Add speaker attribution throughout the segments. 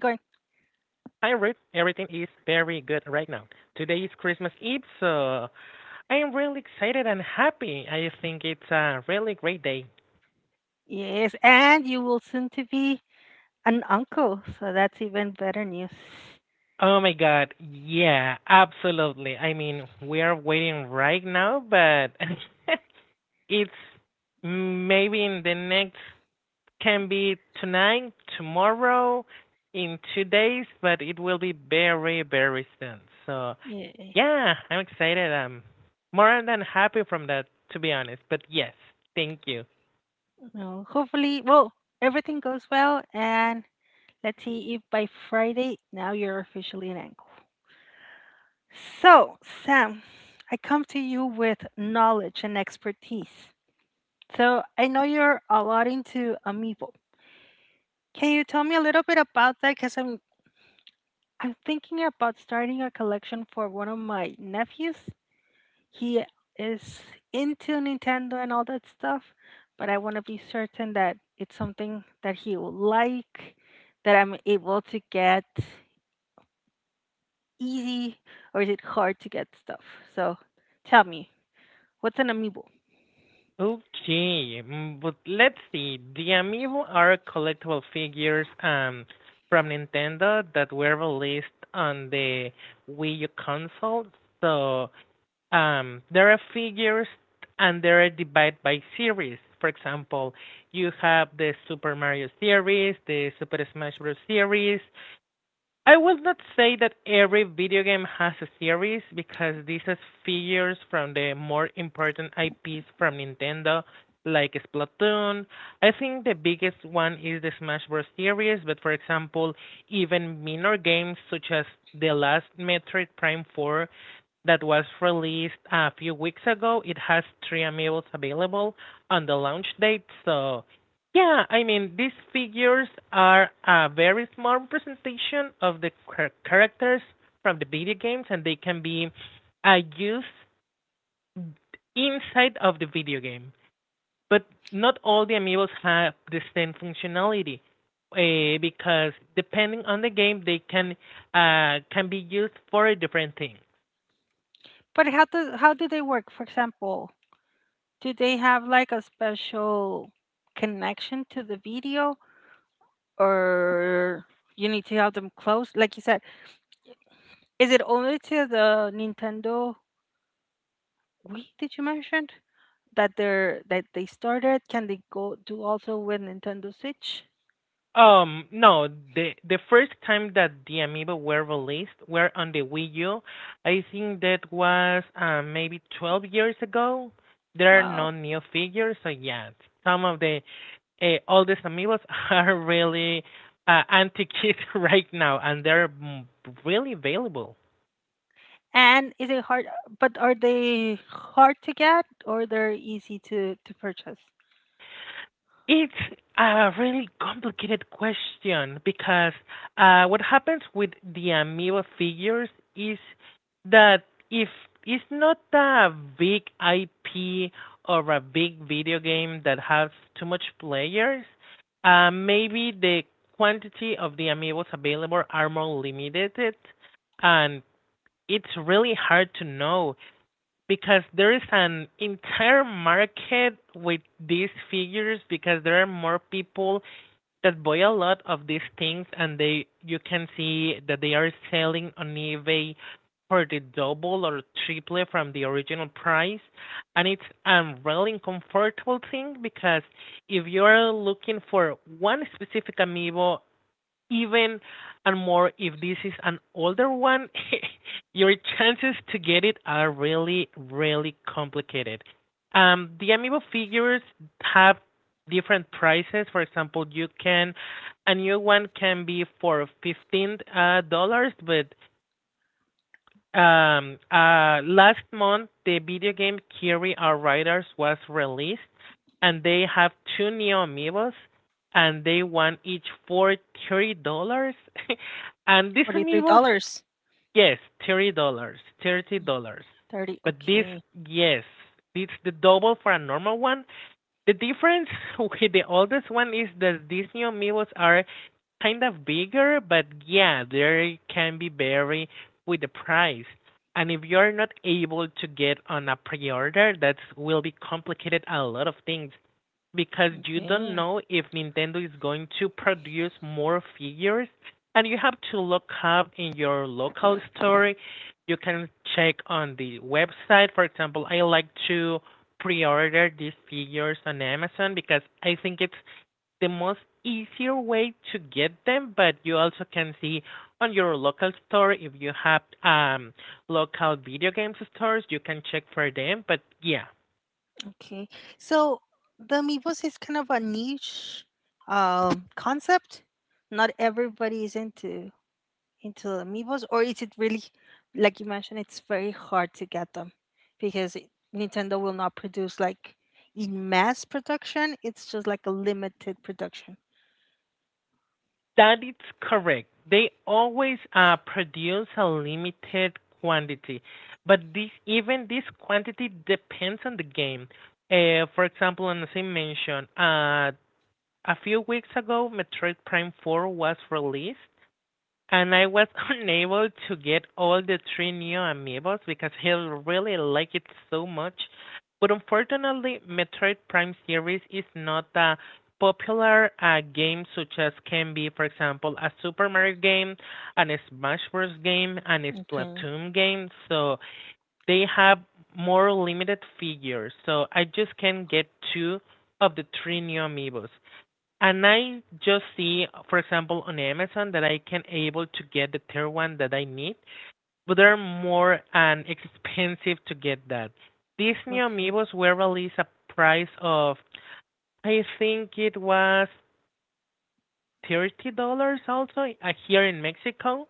Speaker 1: Hi Ruth, everything is very good right now. Today is Christmas Eve, so I am really excited and happy. I think it's a really great day.
Speaker 2: Yes, and you will soon to be an uncle, so that's even better news.
Speaker 1: Oh my god, yeah, absolutely. I mean, we are waiting right now, but it's maybe in the next, can be tonight, tomorrow, in 2 days, but it will be very, very soon. So
Speaker 2: Yeah.
Speaker 1: yeah, I'm excited. I'm more than happy from that, to be honest. But yes, thank you.
Speaker 2: No, hopefully, well, everything goes well, and let's see if by Friday now you're officially an uncle. So, Sam, I come to you with knowledge and expertise. So, I know you're a lot into Amiibo. Can you tell me a little bit about that? Because I'm thinking about starting a collection for one of my nephews, he is into Nintendo and all that stuff, but I want to be certain that it's something that he will like, that I'm able to get easy, or is it hard to get stuff? So tell me, what's an amiibo?
Speaker 1: Okay, but let's see. The Amiibo are collectible figures from Nintendo that were released on the Wii U console. So there are figures and they're divided by series. For example, you have the Super Mario series, the Super Smash Bros. series. I would not say that every video game has a series because this has figures from the more important IPs from Nintendo, like Splatoon. I think the biggest one is the Smash Bros. Series, but for example, even minor games such as The Last Metroid Prime 4 that was released a few weeks ago. It has three amiibos available on the launch date. So, yeah, I mean, these figures are a very small representation of the characters from the video games, and they can be used inside of the video game. But not all the amiibos have the same functionality. Because depending on the game, they can be used for a different thing.
Speaker 2: But how do they work? For example, do they have like a special connection to the video, or you need to have them close? Like you said, is it only to the Nintendo Wii? Did you mention that they're that they started? Can they go do also with Nintendo Switch?
Speaker 1: No, the first time that the Amiibo were released were on the Wii U. I think that was maybe 12 years ago. There are
Speaker 2: Wow.
Speaker 1: no new figures, so yeah, some of the oldest Amiibos are really antiquated right now, and they're really available.
Speaker 2: And is it hard? But are they hard to get or they're easy to purchase?
Speaker 1: It's a really complicated question because what happens with the Amiibo figures is that if it's not a big IP or a big video game that has too much players, maybe the quantity of the Amiibos available are more limited, and it's really hard to know because there is an entire market with these figures, because there are more people that buy a lot of these things, and they you can see that they are selling on eBay for the double or triple from the original price. And it's a really uncomfortable thing because if you are looking for one specific amiibo, even and more if this is an older one, your chances to get it are really, really complicated. The amiibo figures have different prices. For example, you can a new one can be for 15 dollars, but last month, the video game Kirby Our Riders was released, and they have two new amiibos, and they won each for $30. And these amiibos,
Speaker 2: $43. Dollars.
Speaker 1: yes, $30, $30.
Speaker 2: 30.
Speaker 1: But this,
Speaker 2: Okay.
Speaker 1: yes, it's the double for a normal one. The difference with the oldest one is that these new Amiibos are kind of bigger, but yeah, they can be vary with the price. And if you're not able to get on a pre-order, that will be complicated a lot of things because you don't
Speaker 2: Okay.
Speaker 1: know if Nintendo is going to produce more figures, and you have to look up in your local store. You can check on the website. For example, I like to pre-order these figures on Amazon because I think it's the most easier way to get them, but you also can see on your local store if you have local video games stores, you can check for them, but yeah,
Speaker 2: Okay. So the Amiibos is kind of a niche concept. Not everybody is into amiibos, or is it really, like you mentioned, it's very hard to get them because Nintendo will not produce like in mass production. It's just like a limited production.
Speaker 1: that is correct. They always produce a limited quantity, but this even this quantity depends on the game. For example, and as I mentioned, a few weeks ago, Metroid Prime 4 was released, and I was unable to get all the three new amiibos because he really liked it so much. But unfortunately, Metroid Prime series is not a popular game such as can be, for example, a Super Mario game, an Smash Bros. Game, and a
Speaker 2: Okay,
Speaker 1: Splatoon game. So they have more limited figures. So I just can get two of the three new amiibos. And I just see, for example, on Amazon that I can able to get the third one that I need, but they're more and expensive to get that. Disney
Speaker 2: okay,
Speaker 1: Amiibos were released a price of, I think it was $30 also here in Mexico,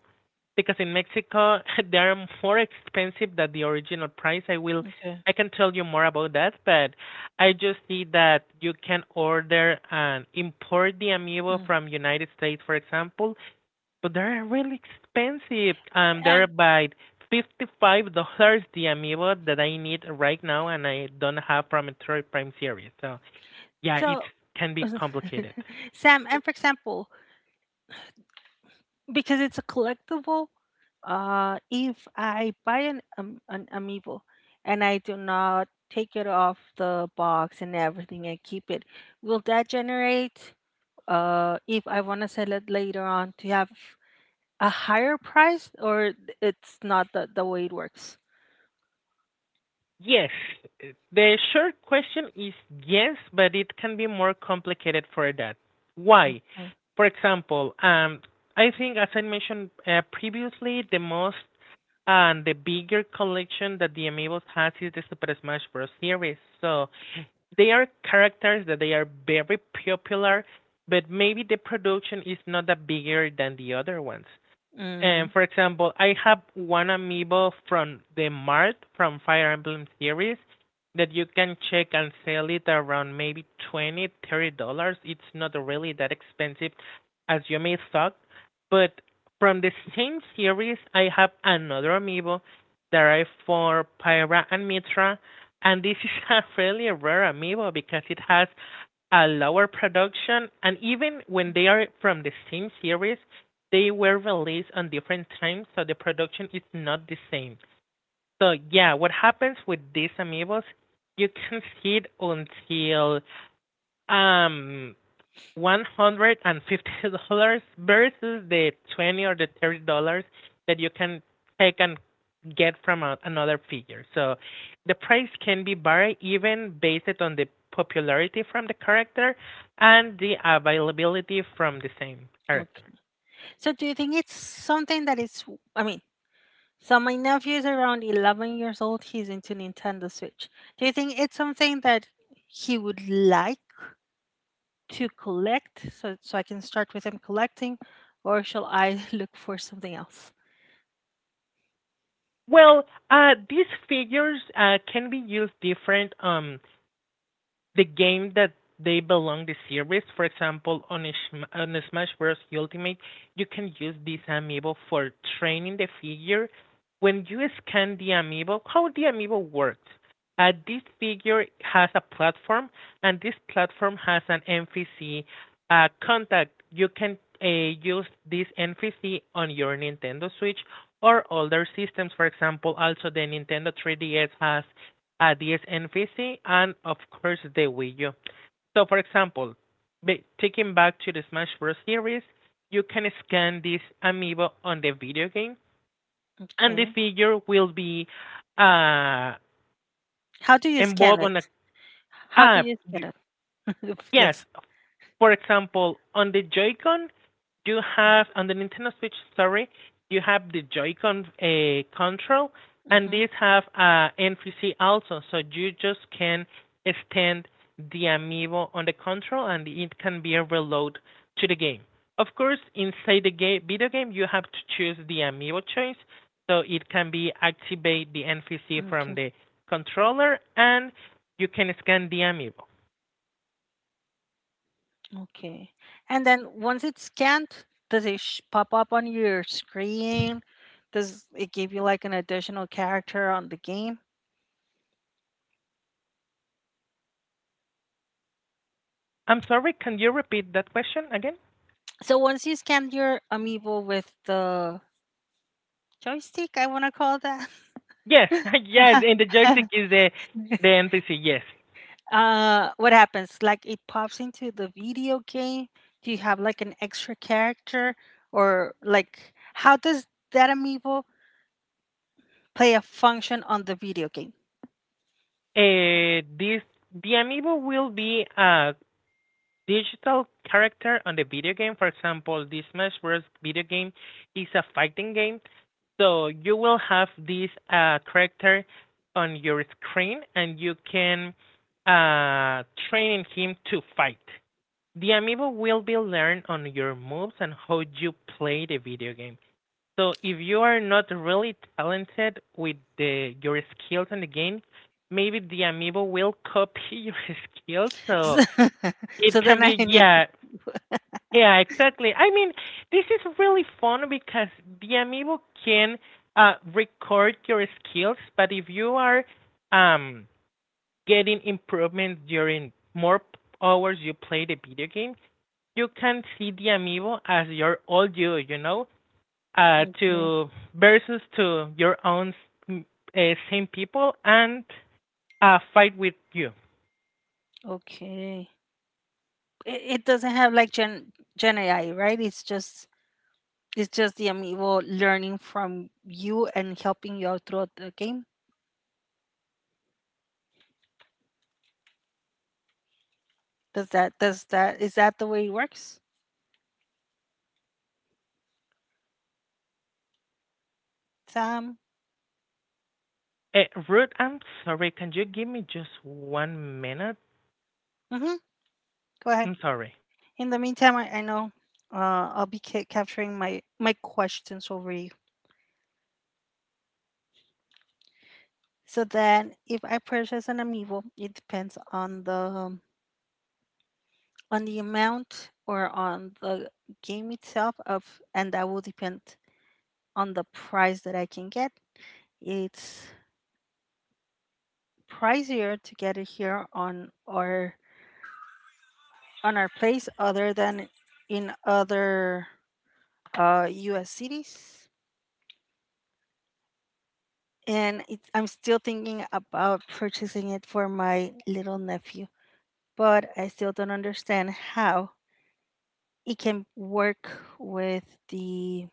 Speaker 1: because in Mexico they are more expensive than the original price.
Speaker 2: okay.
Speaker 1: I can tell you more about that, but I just see that you can order and import the Amiibo
Speaker 2: Mm.
Speaker 1: from United States, for example, but they're really expensive. They're
Speaker 2: And
Speaker 1: about $55 the Amiibo that I need right now, and I don't have from a third Prime series. So yeah, it
Speaker 2: so,
Speaker 1: can be complicated.
Speaker 2: Sam, and for example, because it's a collectible, if I buy an amiibo and I do not take it off the box and everything and keep it, will that generate if I want to sell it later on to have a higher price or it's not the way it works?
Speaker 1: Yes, the short question is yes, but it can be more complicated for that. Why?
Speaker 2: Okay.
Speaker 1: For example, I think as I mentioned previously, the most and the bigger collection that the Amiibos has is the Super Smash Bros. Series. So they are characters that they are very popular, but maybe the production is not that bigger than the other ones.
Speaker 2: Mm,
Speaker 1: And for example, I have one amiibo from the Mart from Fire Emblem series that you can check and sell it around maybe 20, $30. It's not really that expensive as you may thought. But from the same series I have another amiibo that I for Pyra and Mitra, and this is a really rare amiibo because it has a lower production, and even when they are from the same series, they were released on different times, so the production is not the same. So yeah, what happens with these amiibos? You can see it until um $150 versus the 20 or the $30 that you can take and get from a, another figure. So the price can be varied even based on the popularity from the character and the availability from the same character.
Speaker 2: okay. So do you think it's something that is I mean, so my nephew is around 11 years old, he's into Nintendo Switch. Do you think it's something that he would like to collect so I can start with him collecting or shall I look for something else?
Speaker 1: Well, these figures can be used different, the game that they belong the series. For example, on a Smash Bros. Ultimate, you can use this amiibo for training the figure. When you scan the amiibo, how the amiibo works? This figure has a platform, and this platform has an NPC contact. You can use this NPC on your Nintendo Switch or older systems. For example, also the Nintendo 3DS has ideas and vision, and of course the Wii U. So, for example, taking back to the Smash Bros. Series, you can scan this amiibo on the video game, and the
Speaker 2: Okay.
Speaker 1: figure will be uh
Speaker 2: How do you scan
Speaker 1: involved
Speaker 2: it?
Speaker 1: on a
Speaker 2: How do
Speaker 1: ah
Speaker 2: you scan it?
Speaker 1: yes
Speaker 2: Let's.
Speaker 1: for example, on the Joy-Con, you have on the Nintendo Switch, sorry, you have the Joy-Con control, and
Speaker 2: Mm-hmm.
Speaker 1: these have NFC also, so you just can extend the amiibo on the control, and it can be a reload to the game. Of course, inside the game, video game, you have to choose the amiibo choice, so it can be activate the NFC from the controller, and you can scan the amiibo.
Speaker 2: Okay. And then once it's scanned, does it pop up on your screen? Does it give you like an additional character on the game?
Speaker 1: I'm sorry, can you repeat that question again?
Speaker 2: So once you scan your amiibo with the joystick, I want to call that.
Speaker 1: Yes, yes, and the joystick is the NPC. Yes,
Speaker 2: Uh, what happens? Like it pops into the video game. Do you have like an extra character, or like how does that amiibo play a function on the video game?
Speaker 1: this the amiibo will be a digital character on the video game. For example, this Smash Bros. Video game is a fighting game, so you will have this character on your screen, and you can uh, train him to fight. The amiibo will be learned on your moves and how you play the video game. So if you are not really talented with the your skills in the game, maybe the amiibo will copy your skills.
Speaker 2: So
Speaker 1: So it
Speaker 2: so
Speaker 1: can
Speaker 2: then
Speaker 1: be
Speaker 2: I need.
Speaker 1: yeah, yeah, exactly. I mean, this is really fun because the amiibo can record your skills, but if you are um getting improvements during hours you play the video game, you can see the amiibo as your old you, you know? To versus to your own mm, same people and fight with you.
Speaker 2: Okay. It doesn't have like Gen AI, right? It's just the amiibo learning from you and helping you out throughout the game. Does that is that the way it works? Sam.
Speaker 1: Uh, Ruth, I'm sorry. Can you give me just 1 minute?
Speaker 2: Mm-hmm. Go ahead.
Speaker 1: I'm sorry.
Speaker 2: In the meantime, I know I'll be capturing my questions over you. So then, if I purchase an amiibo, it depends on the amount or on the game itself of, and that will depend on the price that I can get. It's pricier to get it here on our place other than in other U.S. cities. And it, I'm still thinking about purchasing it for my little nephew, but I still don't understand how it can work with the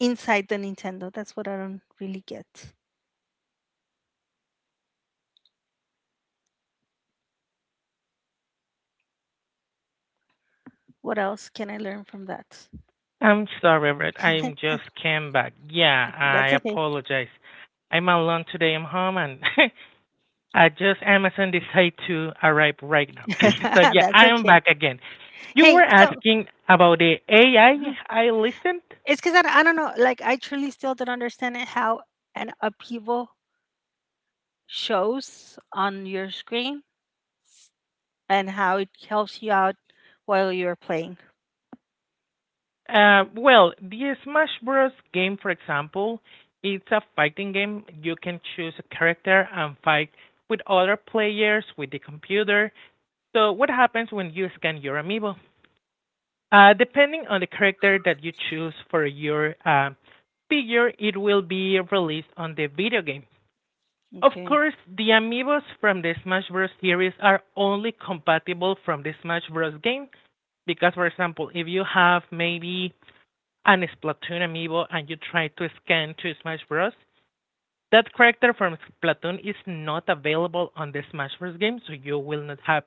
Speaker 2: inside the Nintendo. That's what I don't really get. What else can I learn from that?
Speaker 1: I'm sorry, Ruth. I just came back. Yeah, I
Speaker 2: That's okay.
Speaker 1: apologize. I'm alone today. I'm home and I just Amazon decided to arrive right now. So yeah,
Speaker 2: That's
Speaker 1: I am
Speaker 2: okay.
Speaker 1: back again. You were
Speaker 2: Hey, so
Speaker 1: asking about the AI, I listened.
Speaker 2: it's because I I don't know. Like, I truly still don't understand it, how an upheaval shows on your screen and how it helps you out while you're playing.
Speaker 1: Well, the Smash Bros. Game, for example, it's a fighting game. You can choose a character and fight with other players with the computer. So, what happens when you scan your amiibo? Depending on the character that you choose for your figure, it will be released on the video game. Of
Speaker 2: Okay.
Speaker 1: course, the amiibos from the Smash Bros. Series are only compatible from the Smash Bros. Game because, for example, if you have maybe an Splatoon amiibo and you try to scan to Smash Bros. That character from Splatoon is not available on the Smash Bros. Game, so you will not have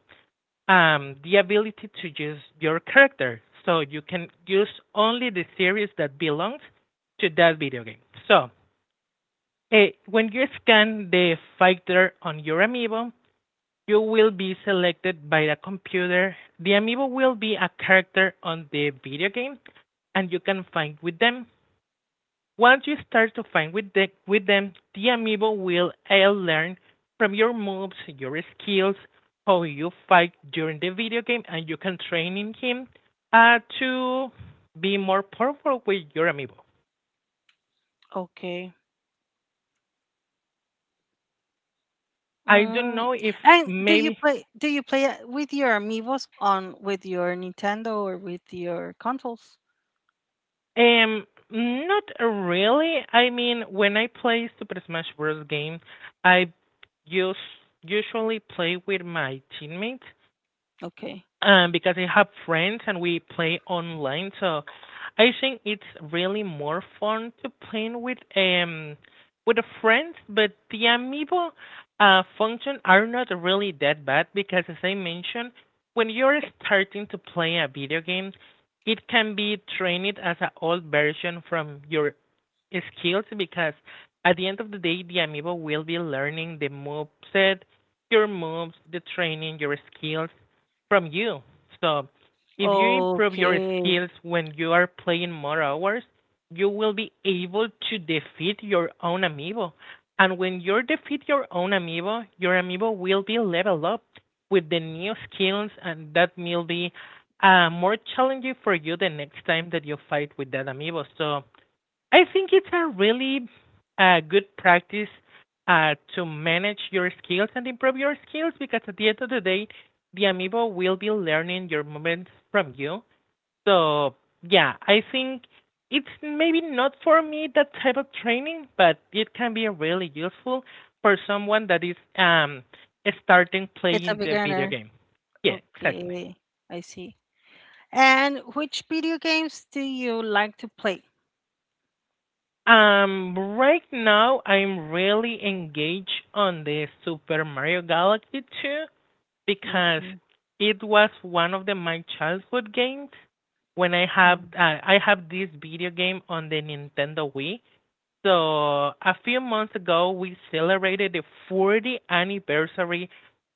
Speaker 1: the ability to use your character. So you can use only the series that belongs to that video game. So when you scan the fighter on your amiibo, you will be selected by the computer. The amiibo will be a character on the video game, and you can fight with them. Once you start to fight with them, the amiibo will all learn from your moves, your skills, how you fight during the video game, and you can train in him to be more powerful with your amiibo.
Speaker 2: Okay.
Speaker 1: I don't
Speaker 2: Mm.
Speaker 1: know if
Speaker 2: And do you
Speaker 1: maybe
Speaker 2: play? Do you play it with your amiibos on with your Nintendo or with your consoles?
Speaker 1: um not really. I mean, when I play Super Smash Bros. Game, I use usually play with my teammates,
Speaker 2: Okay.
Speaker 1: because I have friends and we play online. So I think it's really more fun to play with the friends, but the amiibo function are not really that bad because as I mentioned, when you're starting to play a video game, it can be trained as an old version from your skills because at the end of the day, the amiibo will be learning the moveset, your moves, the training, your skills from you. So if you improve your
Speaker 2: Okay.
Speaker 1: skills when you are playing more hours, you will be able to defeat your own amiibo. And when you defeat your own amiibo, your amiibo will be level up with the new skills, and that will be more challenging for you the next time that you fight with that amiibo. So I think it's a really good practice to manage your skills and improve your skills because at the end of the day, the amiibo will be learning your movements from you. So, yeah, I think it's maybe not for me that type of training, but it can be really useful for someone that is starting
Speaker 2: It's a
Speaker 1: playing the video
Speaker 2: beginner.
Speaker 1: game. Yeah, exactly.
Speaker 2: Okay. I see. And which video games do you like to play?
Speaker 1: Right now I'm really engaged on the Super Mario Galaxy 2 because
Speaker 2: Okay.
Speaker 1: it was one of the my childhood games when
Speaker 2: Mm,
Speaker 1: I have this video game on the Nintendo Wii. So a few months ago we celebrated the 40th anniversary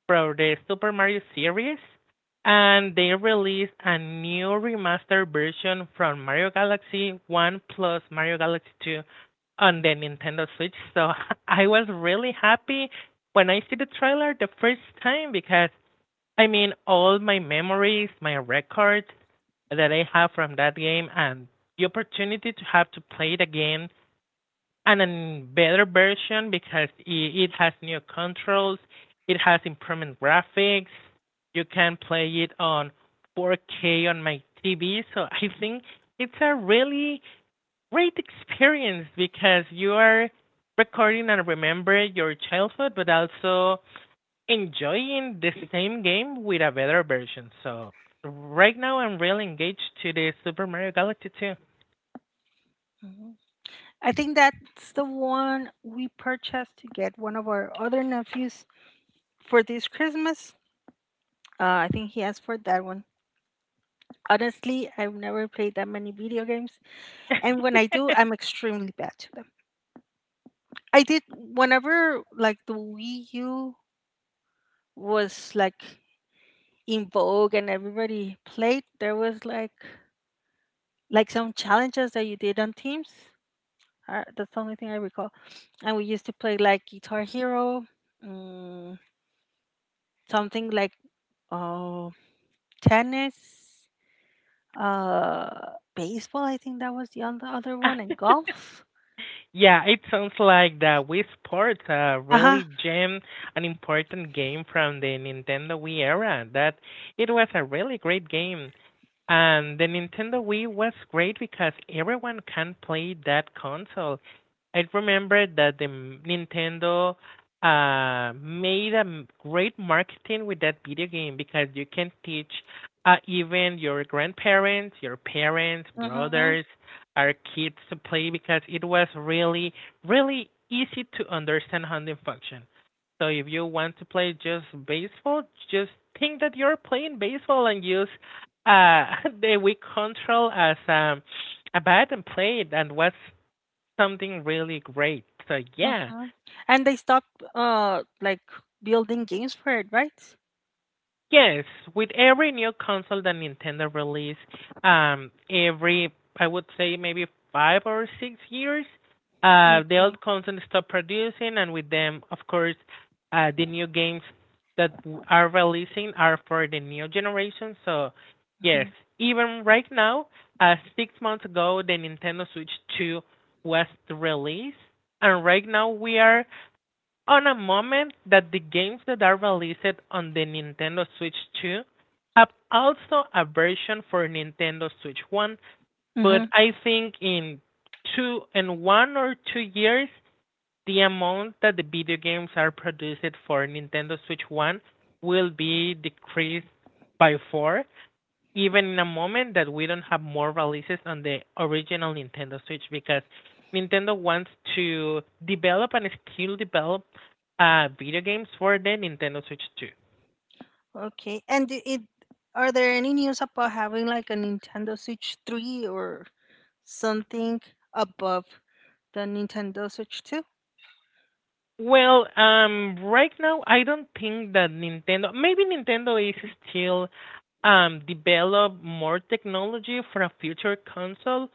Speaker 1: from the Super Mario series, and they released a new remastered version from Mario Galaxy 1 plus Mario Galaxy 2 on the Nintendo Switch. So I was really happy when I see the trailer the first time because I mean all my memories, my records that I have from that game and the opportunity to have to play the game and a better version because it has new controls, it has improved graphics. You can play it on 4K on my TV, so I think it's a really great experience because you are recording and remember your childhood, but also enjoying the same game with a better version. So right now, I'm really engaged to the Super Mario Galaxy 2.
Speaker 2: mhm. I think that's the one we purchased to get one of our other nephews for this Christmas. I think he asked for that one. Honestly, I've never played that many video games, and when I do, I'm extremely bad to them. I did whenever like the Wii U was like in vogue and everybody played. There was like some challenges that you did on teams. That's the only thing I recall. And we used to play like Guitar Hero, mm, something like oh tennis, baseball. I think that was the other one, and golf.
Speaker 1: Yeah, it sounds like the Wii Sports
Speaker 2: Uh huh.
Speaker 1: really gem an important game from the Nintendo Wii era. That it was a really great game. And the Nintendo Wii was great because everyone can play that console. I remember that the Nintendo made a great marketing with that video game because you can teach even your grandparents, your parents,
Speaker 2: Mhm.
Speaker 1: brothers, our kids to play because it was really, really easy to understand how they function. So if you want to play just baseball, just think that you're playing baseball and use the Wii control as a bat and play it and was something really great. So yeah.
Speaker 2: Mhm. And they stopped like building games for it, right?
Speaker 1: Yes, with every new console that Nintendo release, every I would say maybe 5 or 6 years, the
Speaker 2: Okay.
Speaker 1: old console stop producing, and with them, of course, the new games that are releasing are for the new generation. So, yes,
Speaker 2: Mhm.
Speaker 1: even right now, 6 months ago, the Nintendo Switch 2 was released, and right now we are on a moment that the games that are released on the Nintendo Switch 2 have also a version for Nintendo Switch 1, but
Speaker 2: Mhm.
Speaker 1: I think in two in 1 or 2 years the amount that the video games are produced for Nintendo Switch 1 will be decreased by 4 even in a moment that we don't have more releases on the original Nintendo Switch because Nintendo wants to develop and still develop video games for the Nintendo Switch 2.
Speaker 2: Okay. And I- it are there any news about having like a Nintendo Switch three or something above the Nintendo Switch two?
Speaker 1: Well, right now I don't think that Nintendo. Maybe Nintendo is still develop more technology for a future console,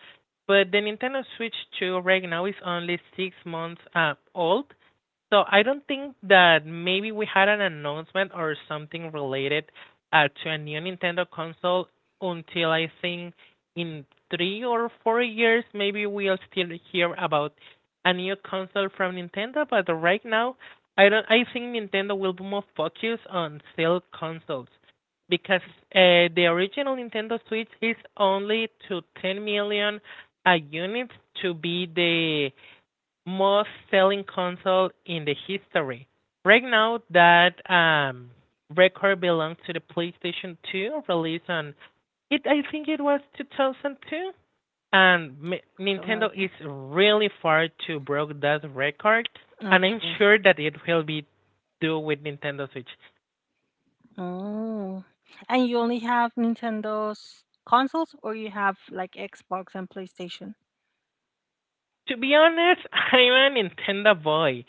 Speaker 1: but the Nintendo Switch 2 right now is only 6 months old, so I don't think that maybe we had an announcement or something related to a new Nintendo console until I think in 3 or 4 years, maybe we'll still hear about a new console from Nintendo. But right now, I don't. I think Nintendo will be more focused on sell consoles because the original Nintendo Switch is only to 10 million units to be the most selling console in the history. Right now, that record belongs to the PlayStation 2, released on it. I think it was 2002, and Nintendo is really far to break that record. And I'm
Speaker 2: Okay.
Speaker 1: sure that it will be do with Nintendo Switch.
Speaker 2: Oh. And you only have Nintendo's consoles or you have like Xbox and PlayStation?
Speaker 1: To be honest, I'm a Nintendo boy.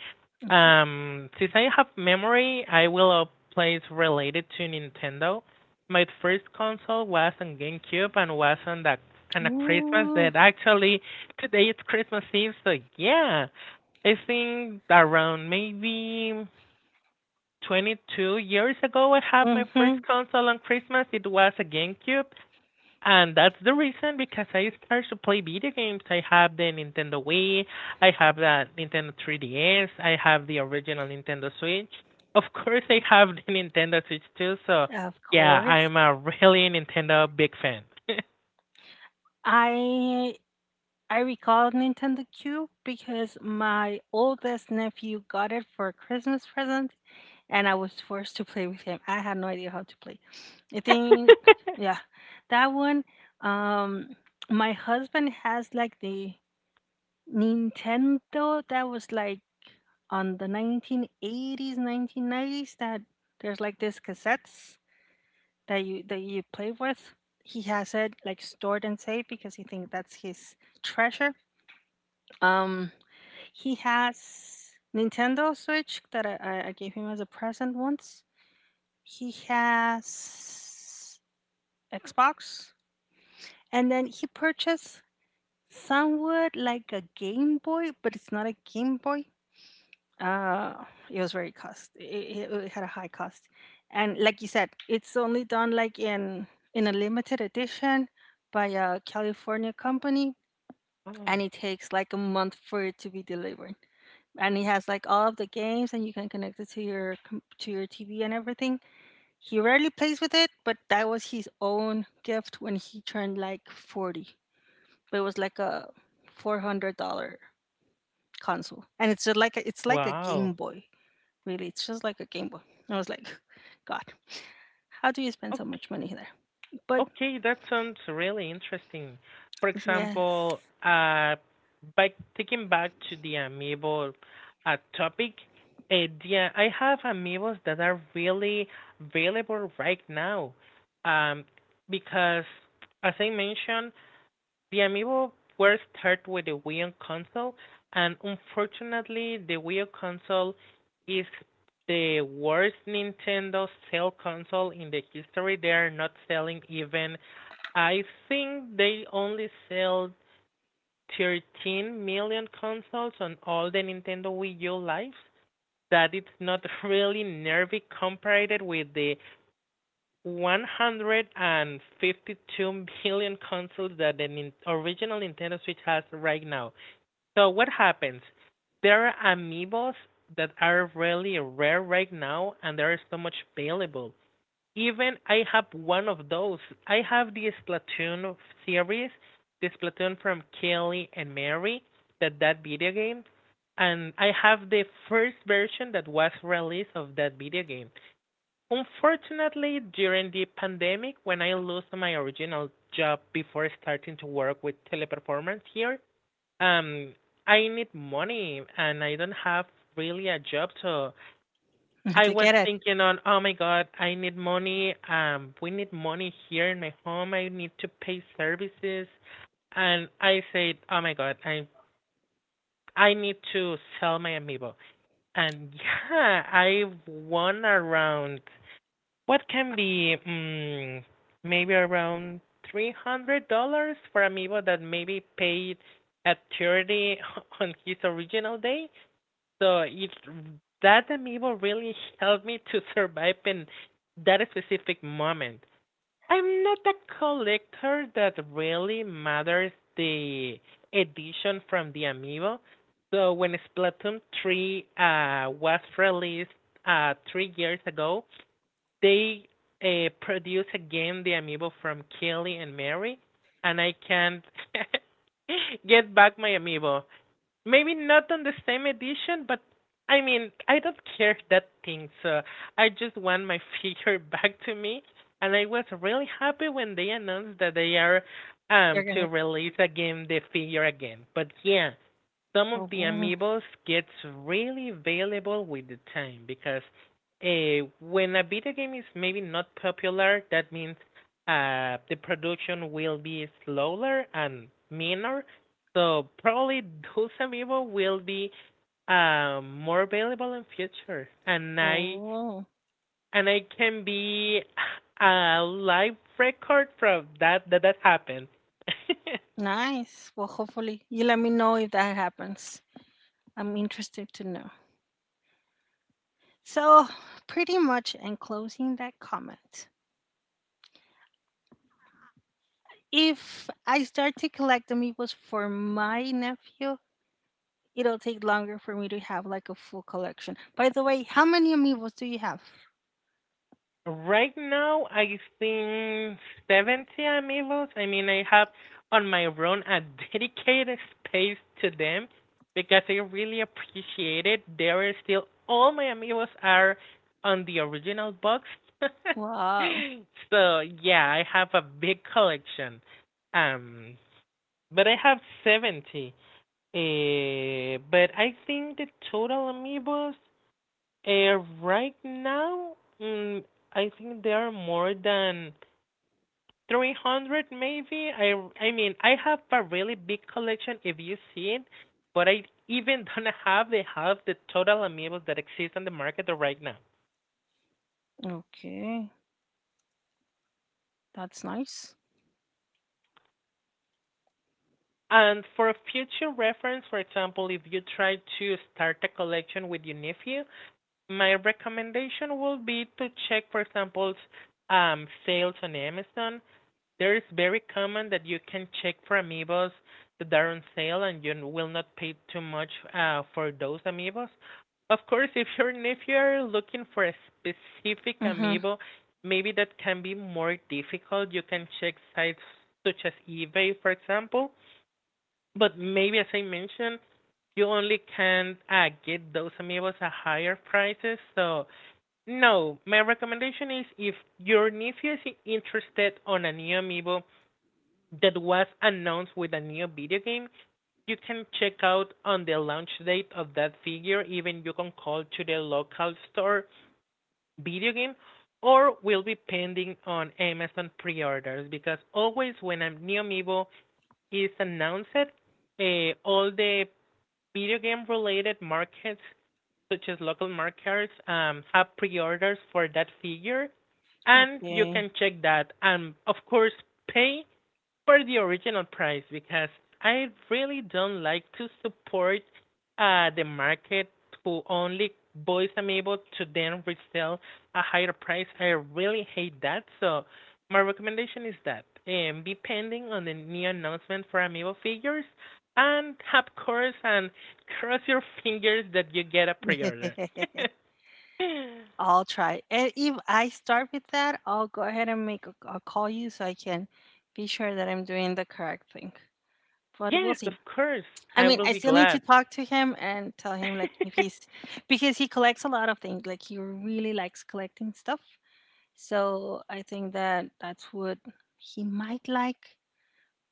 Speaker 2: Okay.
Speaker 1: Since I have memory, I will plays related to Nintendo. My first console was on GameCube and was on the on a Christmas
Speaker 2: Ooh.
Speaker 1: that actually today it's Christmas Eve, so yeah. I think around maybe 22 years ago I had my first
Speaker 2: Mm-hmm.
Speaker 1: console on Christmas. It was a GameCube and that's the reason because I started to play video games. I have the Nintendo Wii, I have the Nintendo 3DS, I have the original Nintendo Switch. Of course, I have the Nintendo Switch too. So,
Speaker 2: Of
Speaker 1: yeah,
Speaker 2: course.
Speaker 1: I'm a really Nintendo big fan.
Speaker 2: I I recall Nintendo Cube because my oldest nephew got it for a Christmas present and I was forced to play with him. I had no idea how to play. I think yeah. That one um my husband has like the Nintendo, that was like on the 1980s, 1990s that there's like this cassettes that you play with. He has it like stored and saved because he thinks that's his treasure. Um, he has Nintendo Switch that I gave him as a present once. He has Xbox, and then he purchased somewhat like a Game Boy, but it's not a Game Boy. Uh, it was very cost. It had a high cost, and like you said, it's only done like in a limited edition by a California company,
Speaker 1: Oh,
Speaker 2: and it takes like a month for it to be delivered. And it has like all of the games, and you can connect it to your to your TV and everything. He rarely plays with it, but that was his own gift when he turned like 40. It was like a $400 console, and it's just like it's like a
Speaker 1: wow.
Speaker 2: Game Boy. Really, it's just like a Game Boy. I was like, God, how do you spend so much
Speaker 1: Okay.
Speaker 2: money there? But
Speaker 1: Okay, that sounds really interesting. For
Speaker 2: yes,
Speaker 1: example, by taking back to the amiibo topic, yeah, I have amiibos that are really available right now. Um, because as I mentioned, the amiibo were started with the Wii U console, and unfortunately, the Wii U console is the worst Nintendo sale console in the history. They are not selling even. I think they only sell 13 million consoles on all the Nintendo Wii U lives. That it's not really nervy compared with the 152 million consoles that the original Nintendo Switch has right now. So what happens? There are amiibos that are really rare right now, and there is so much available. Even I have one of those. I have the Splatoon series, the Splatoon from Kelly and Mary, that video game, and I have the first version that was released of that video game. Unfortunately, during the pandemic, when I lost my original job before starting to work with teleperformance here, um, I need money and I don't have really a job. So I
Speaker 2: to
Speaker 1: was
Speaker 2: get it,
Speaker 1: thinking on, oh my God, I need money. We need money here in my home. I need to pay services. And I said, oh my God, I need to sell my amiibo. And yeah, I won around what can be maybe around $300 for Amiibo that maybe paid at charity on his original day. So it that Amiibo really helped me to survive in that specific moment. I'm not a collector that really matters the edition from the Amiibo. So when Splatoon 3 was released 3 years ago, they produce again the amiibo from Kelly and Mary, and I can't get back my amiibo. Maybe not on the same edition, but I mean, I don't care that thing, so I just want my figure back to me. And I was really happy when they announced that they are
Speaker 2: they're
Speaker 1: to
Speaker 2: gonna.
Speaker 1: release again the figure again. But yeah, some of the
Speaker 2: Oh,
Speaker 1: amiibos gets really valuable with the time because when a video game is maybe not popular, that means the production will be slower and meaner. So probably those amiibo will be more available in future,
Speaker 2: oh,
Speaker 1: and I can be a live record from that that happened.
Speaker 2: nice. Well, hopefully, you let me know if that happens. I'm interested to know. So, pretty much, in closing that comment, if I start to collect them, it was for my nephew. It'll take longer for me to have like a full collection. By the way, how many amiibos do you have?
Speaker 1: Right now, I think 70 amiibos. I mean, I have on my own a dedicated space to them because I really appreciate it. There is still all my amiibos are on the original box.
Speaker 2: Wow.
Speaker 1: So, yeah, I have a big collection. Um, but I have 70. But I think the total amiibos right now, mm, I think there are more than 300 maybe. I mean, I have a really big collection if you see it, but I even don't have the half the total amiibos that exist on the market right now.
Speaker 2: Okay. That's nice.
Speaker 1: And for future reference, for example, if you try to start a collection with your nephew, my recommendation will be to check, for example, sales on Amazon. There is very common that you can check for amiibos that are on sale and you will not pay too much for those amiibos. Of course, if you're looking for a specific
Speaker 2: Mhm.
Speaker 1: amiibo, maybe that can be more difficult. You can check sites such as eBay, for example. But maybe as I mentioned, you only can get those amiibos at higher prices. So no, my recommendation is if your nephew is interested on a new amiibo, that was announced with a new video game. You can check out on the launch date of that figure. Even you can call to the local store video game or will be pending on Amazon pre-orders because always when a new amiibo is announced, uh, all the video game related markets such as local markets have pre-orders for that figure and you
Speaker 2: Okay.
Speaker 1: can check that and of course pay for the original price because I really don't like to support the market who only buys Amiibo to then resell a higher price. I really hate that. So my recommendation is that be pending on the new announcement for Amiibo figures and of course and cross your fingers that you get a pre-order. Yes,
Speaker 2: I'll try. And if I start with that, I'll go ahead and make a, I'll call you so I can be sure that I'm doing the correct thing. But we'll see.
Speaker 1: of course.
Speaker 2: I
Speaker 1: I
Speaker 2: mean,
Speaker 1: will
Speaker 2: I
Speaker 1: be
Speaker 2: still need to
Speaker 1: glad.
Speaker 2: talk to him and tell him like if he's because he collects a lot of things. Like he really likes collecting stuff. So I think that that's what he might like,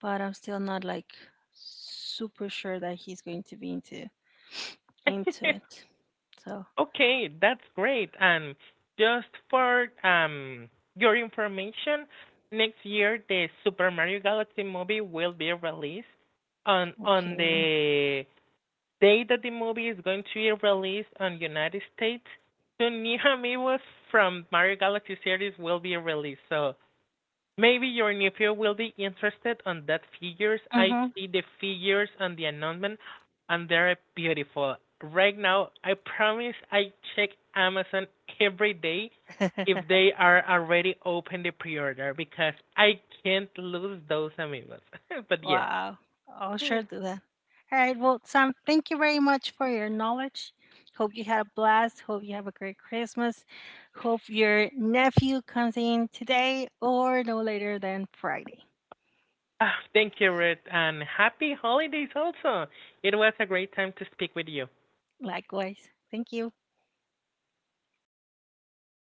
Speaker 2: but I'm still not like super sure that he's going to be into it. So
Speaker 1: Okay, that's great. And just for your information, next year the Super Mario Galaxy movie will be released on
Speaker 2: okay.
Speaker 1: the day that the movie is going to be released on United States. Two new amiibos from Mario Galaxy series will be released. So maybe your nephew will be interested on that figures. I
Speaker 2: Mm-hmm.
Speaker 1: see the figures on the announcement and they're beautiful. Right now, I promise I check Amazon every day if they are already open the pre-order because I can't lose those amigos. But yes.
Speaker 2: Wow. I'll sure do that. All right. Well, Sam, thank you very much for your knowledge. Hope you had a blast. Hope you have a great Christmas. Hope your nephew comes in today or no later than Friday.
Speaker 1: Ah, thank you, Ruth, and happy holidays also. It was a great time to speak with you.
Speaker 2: Likewise. Thank you.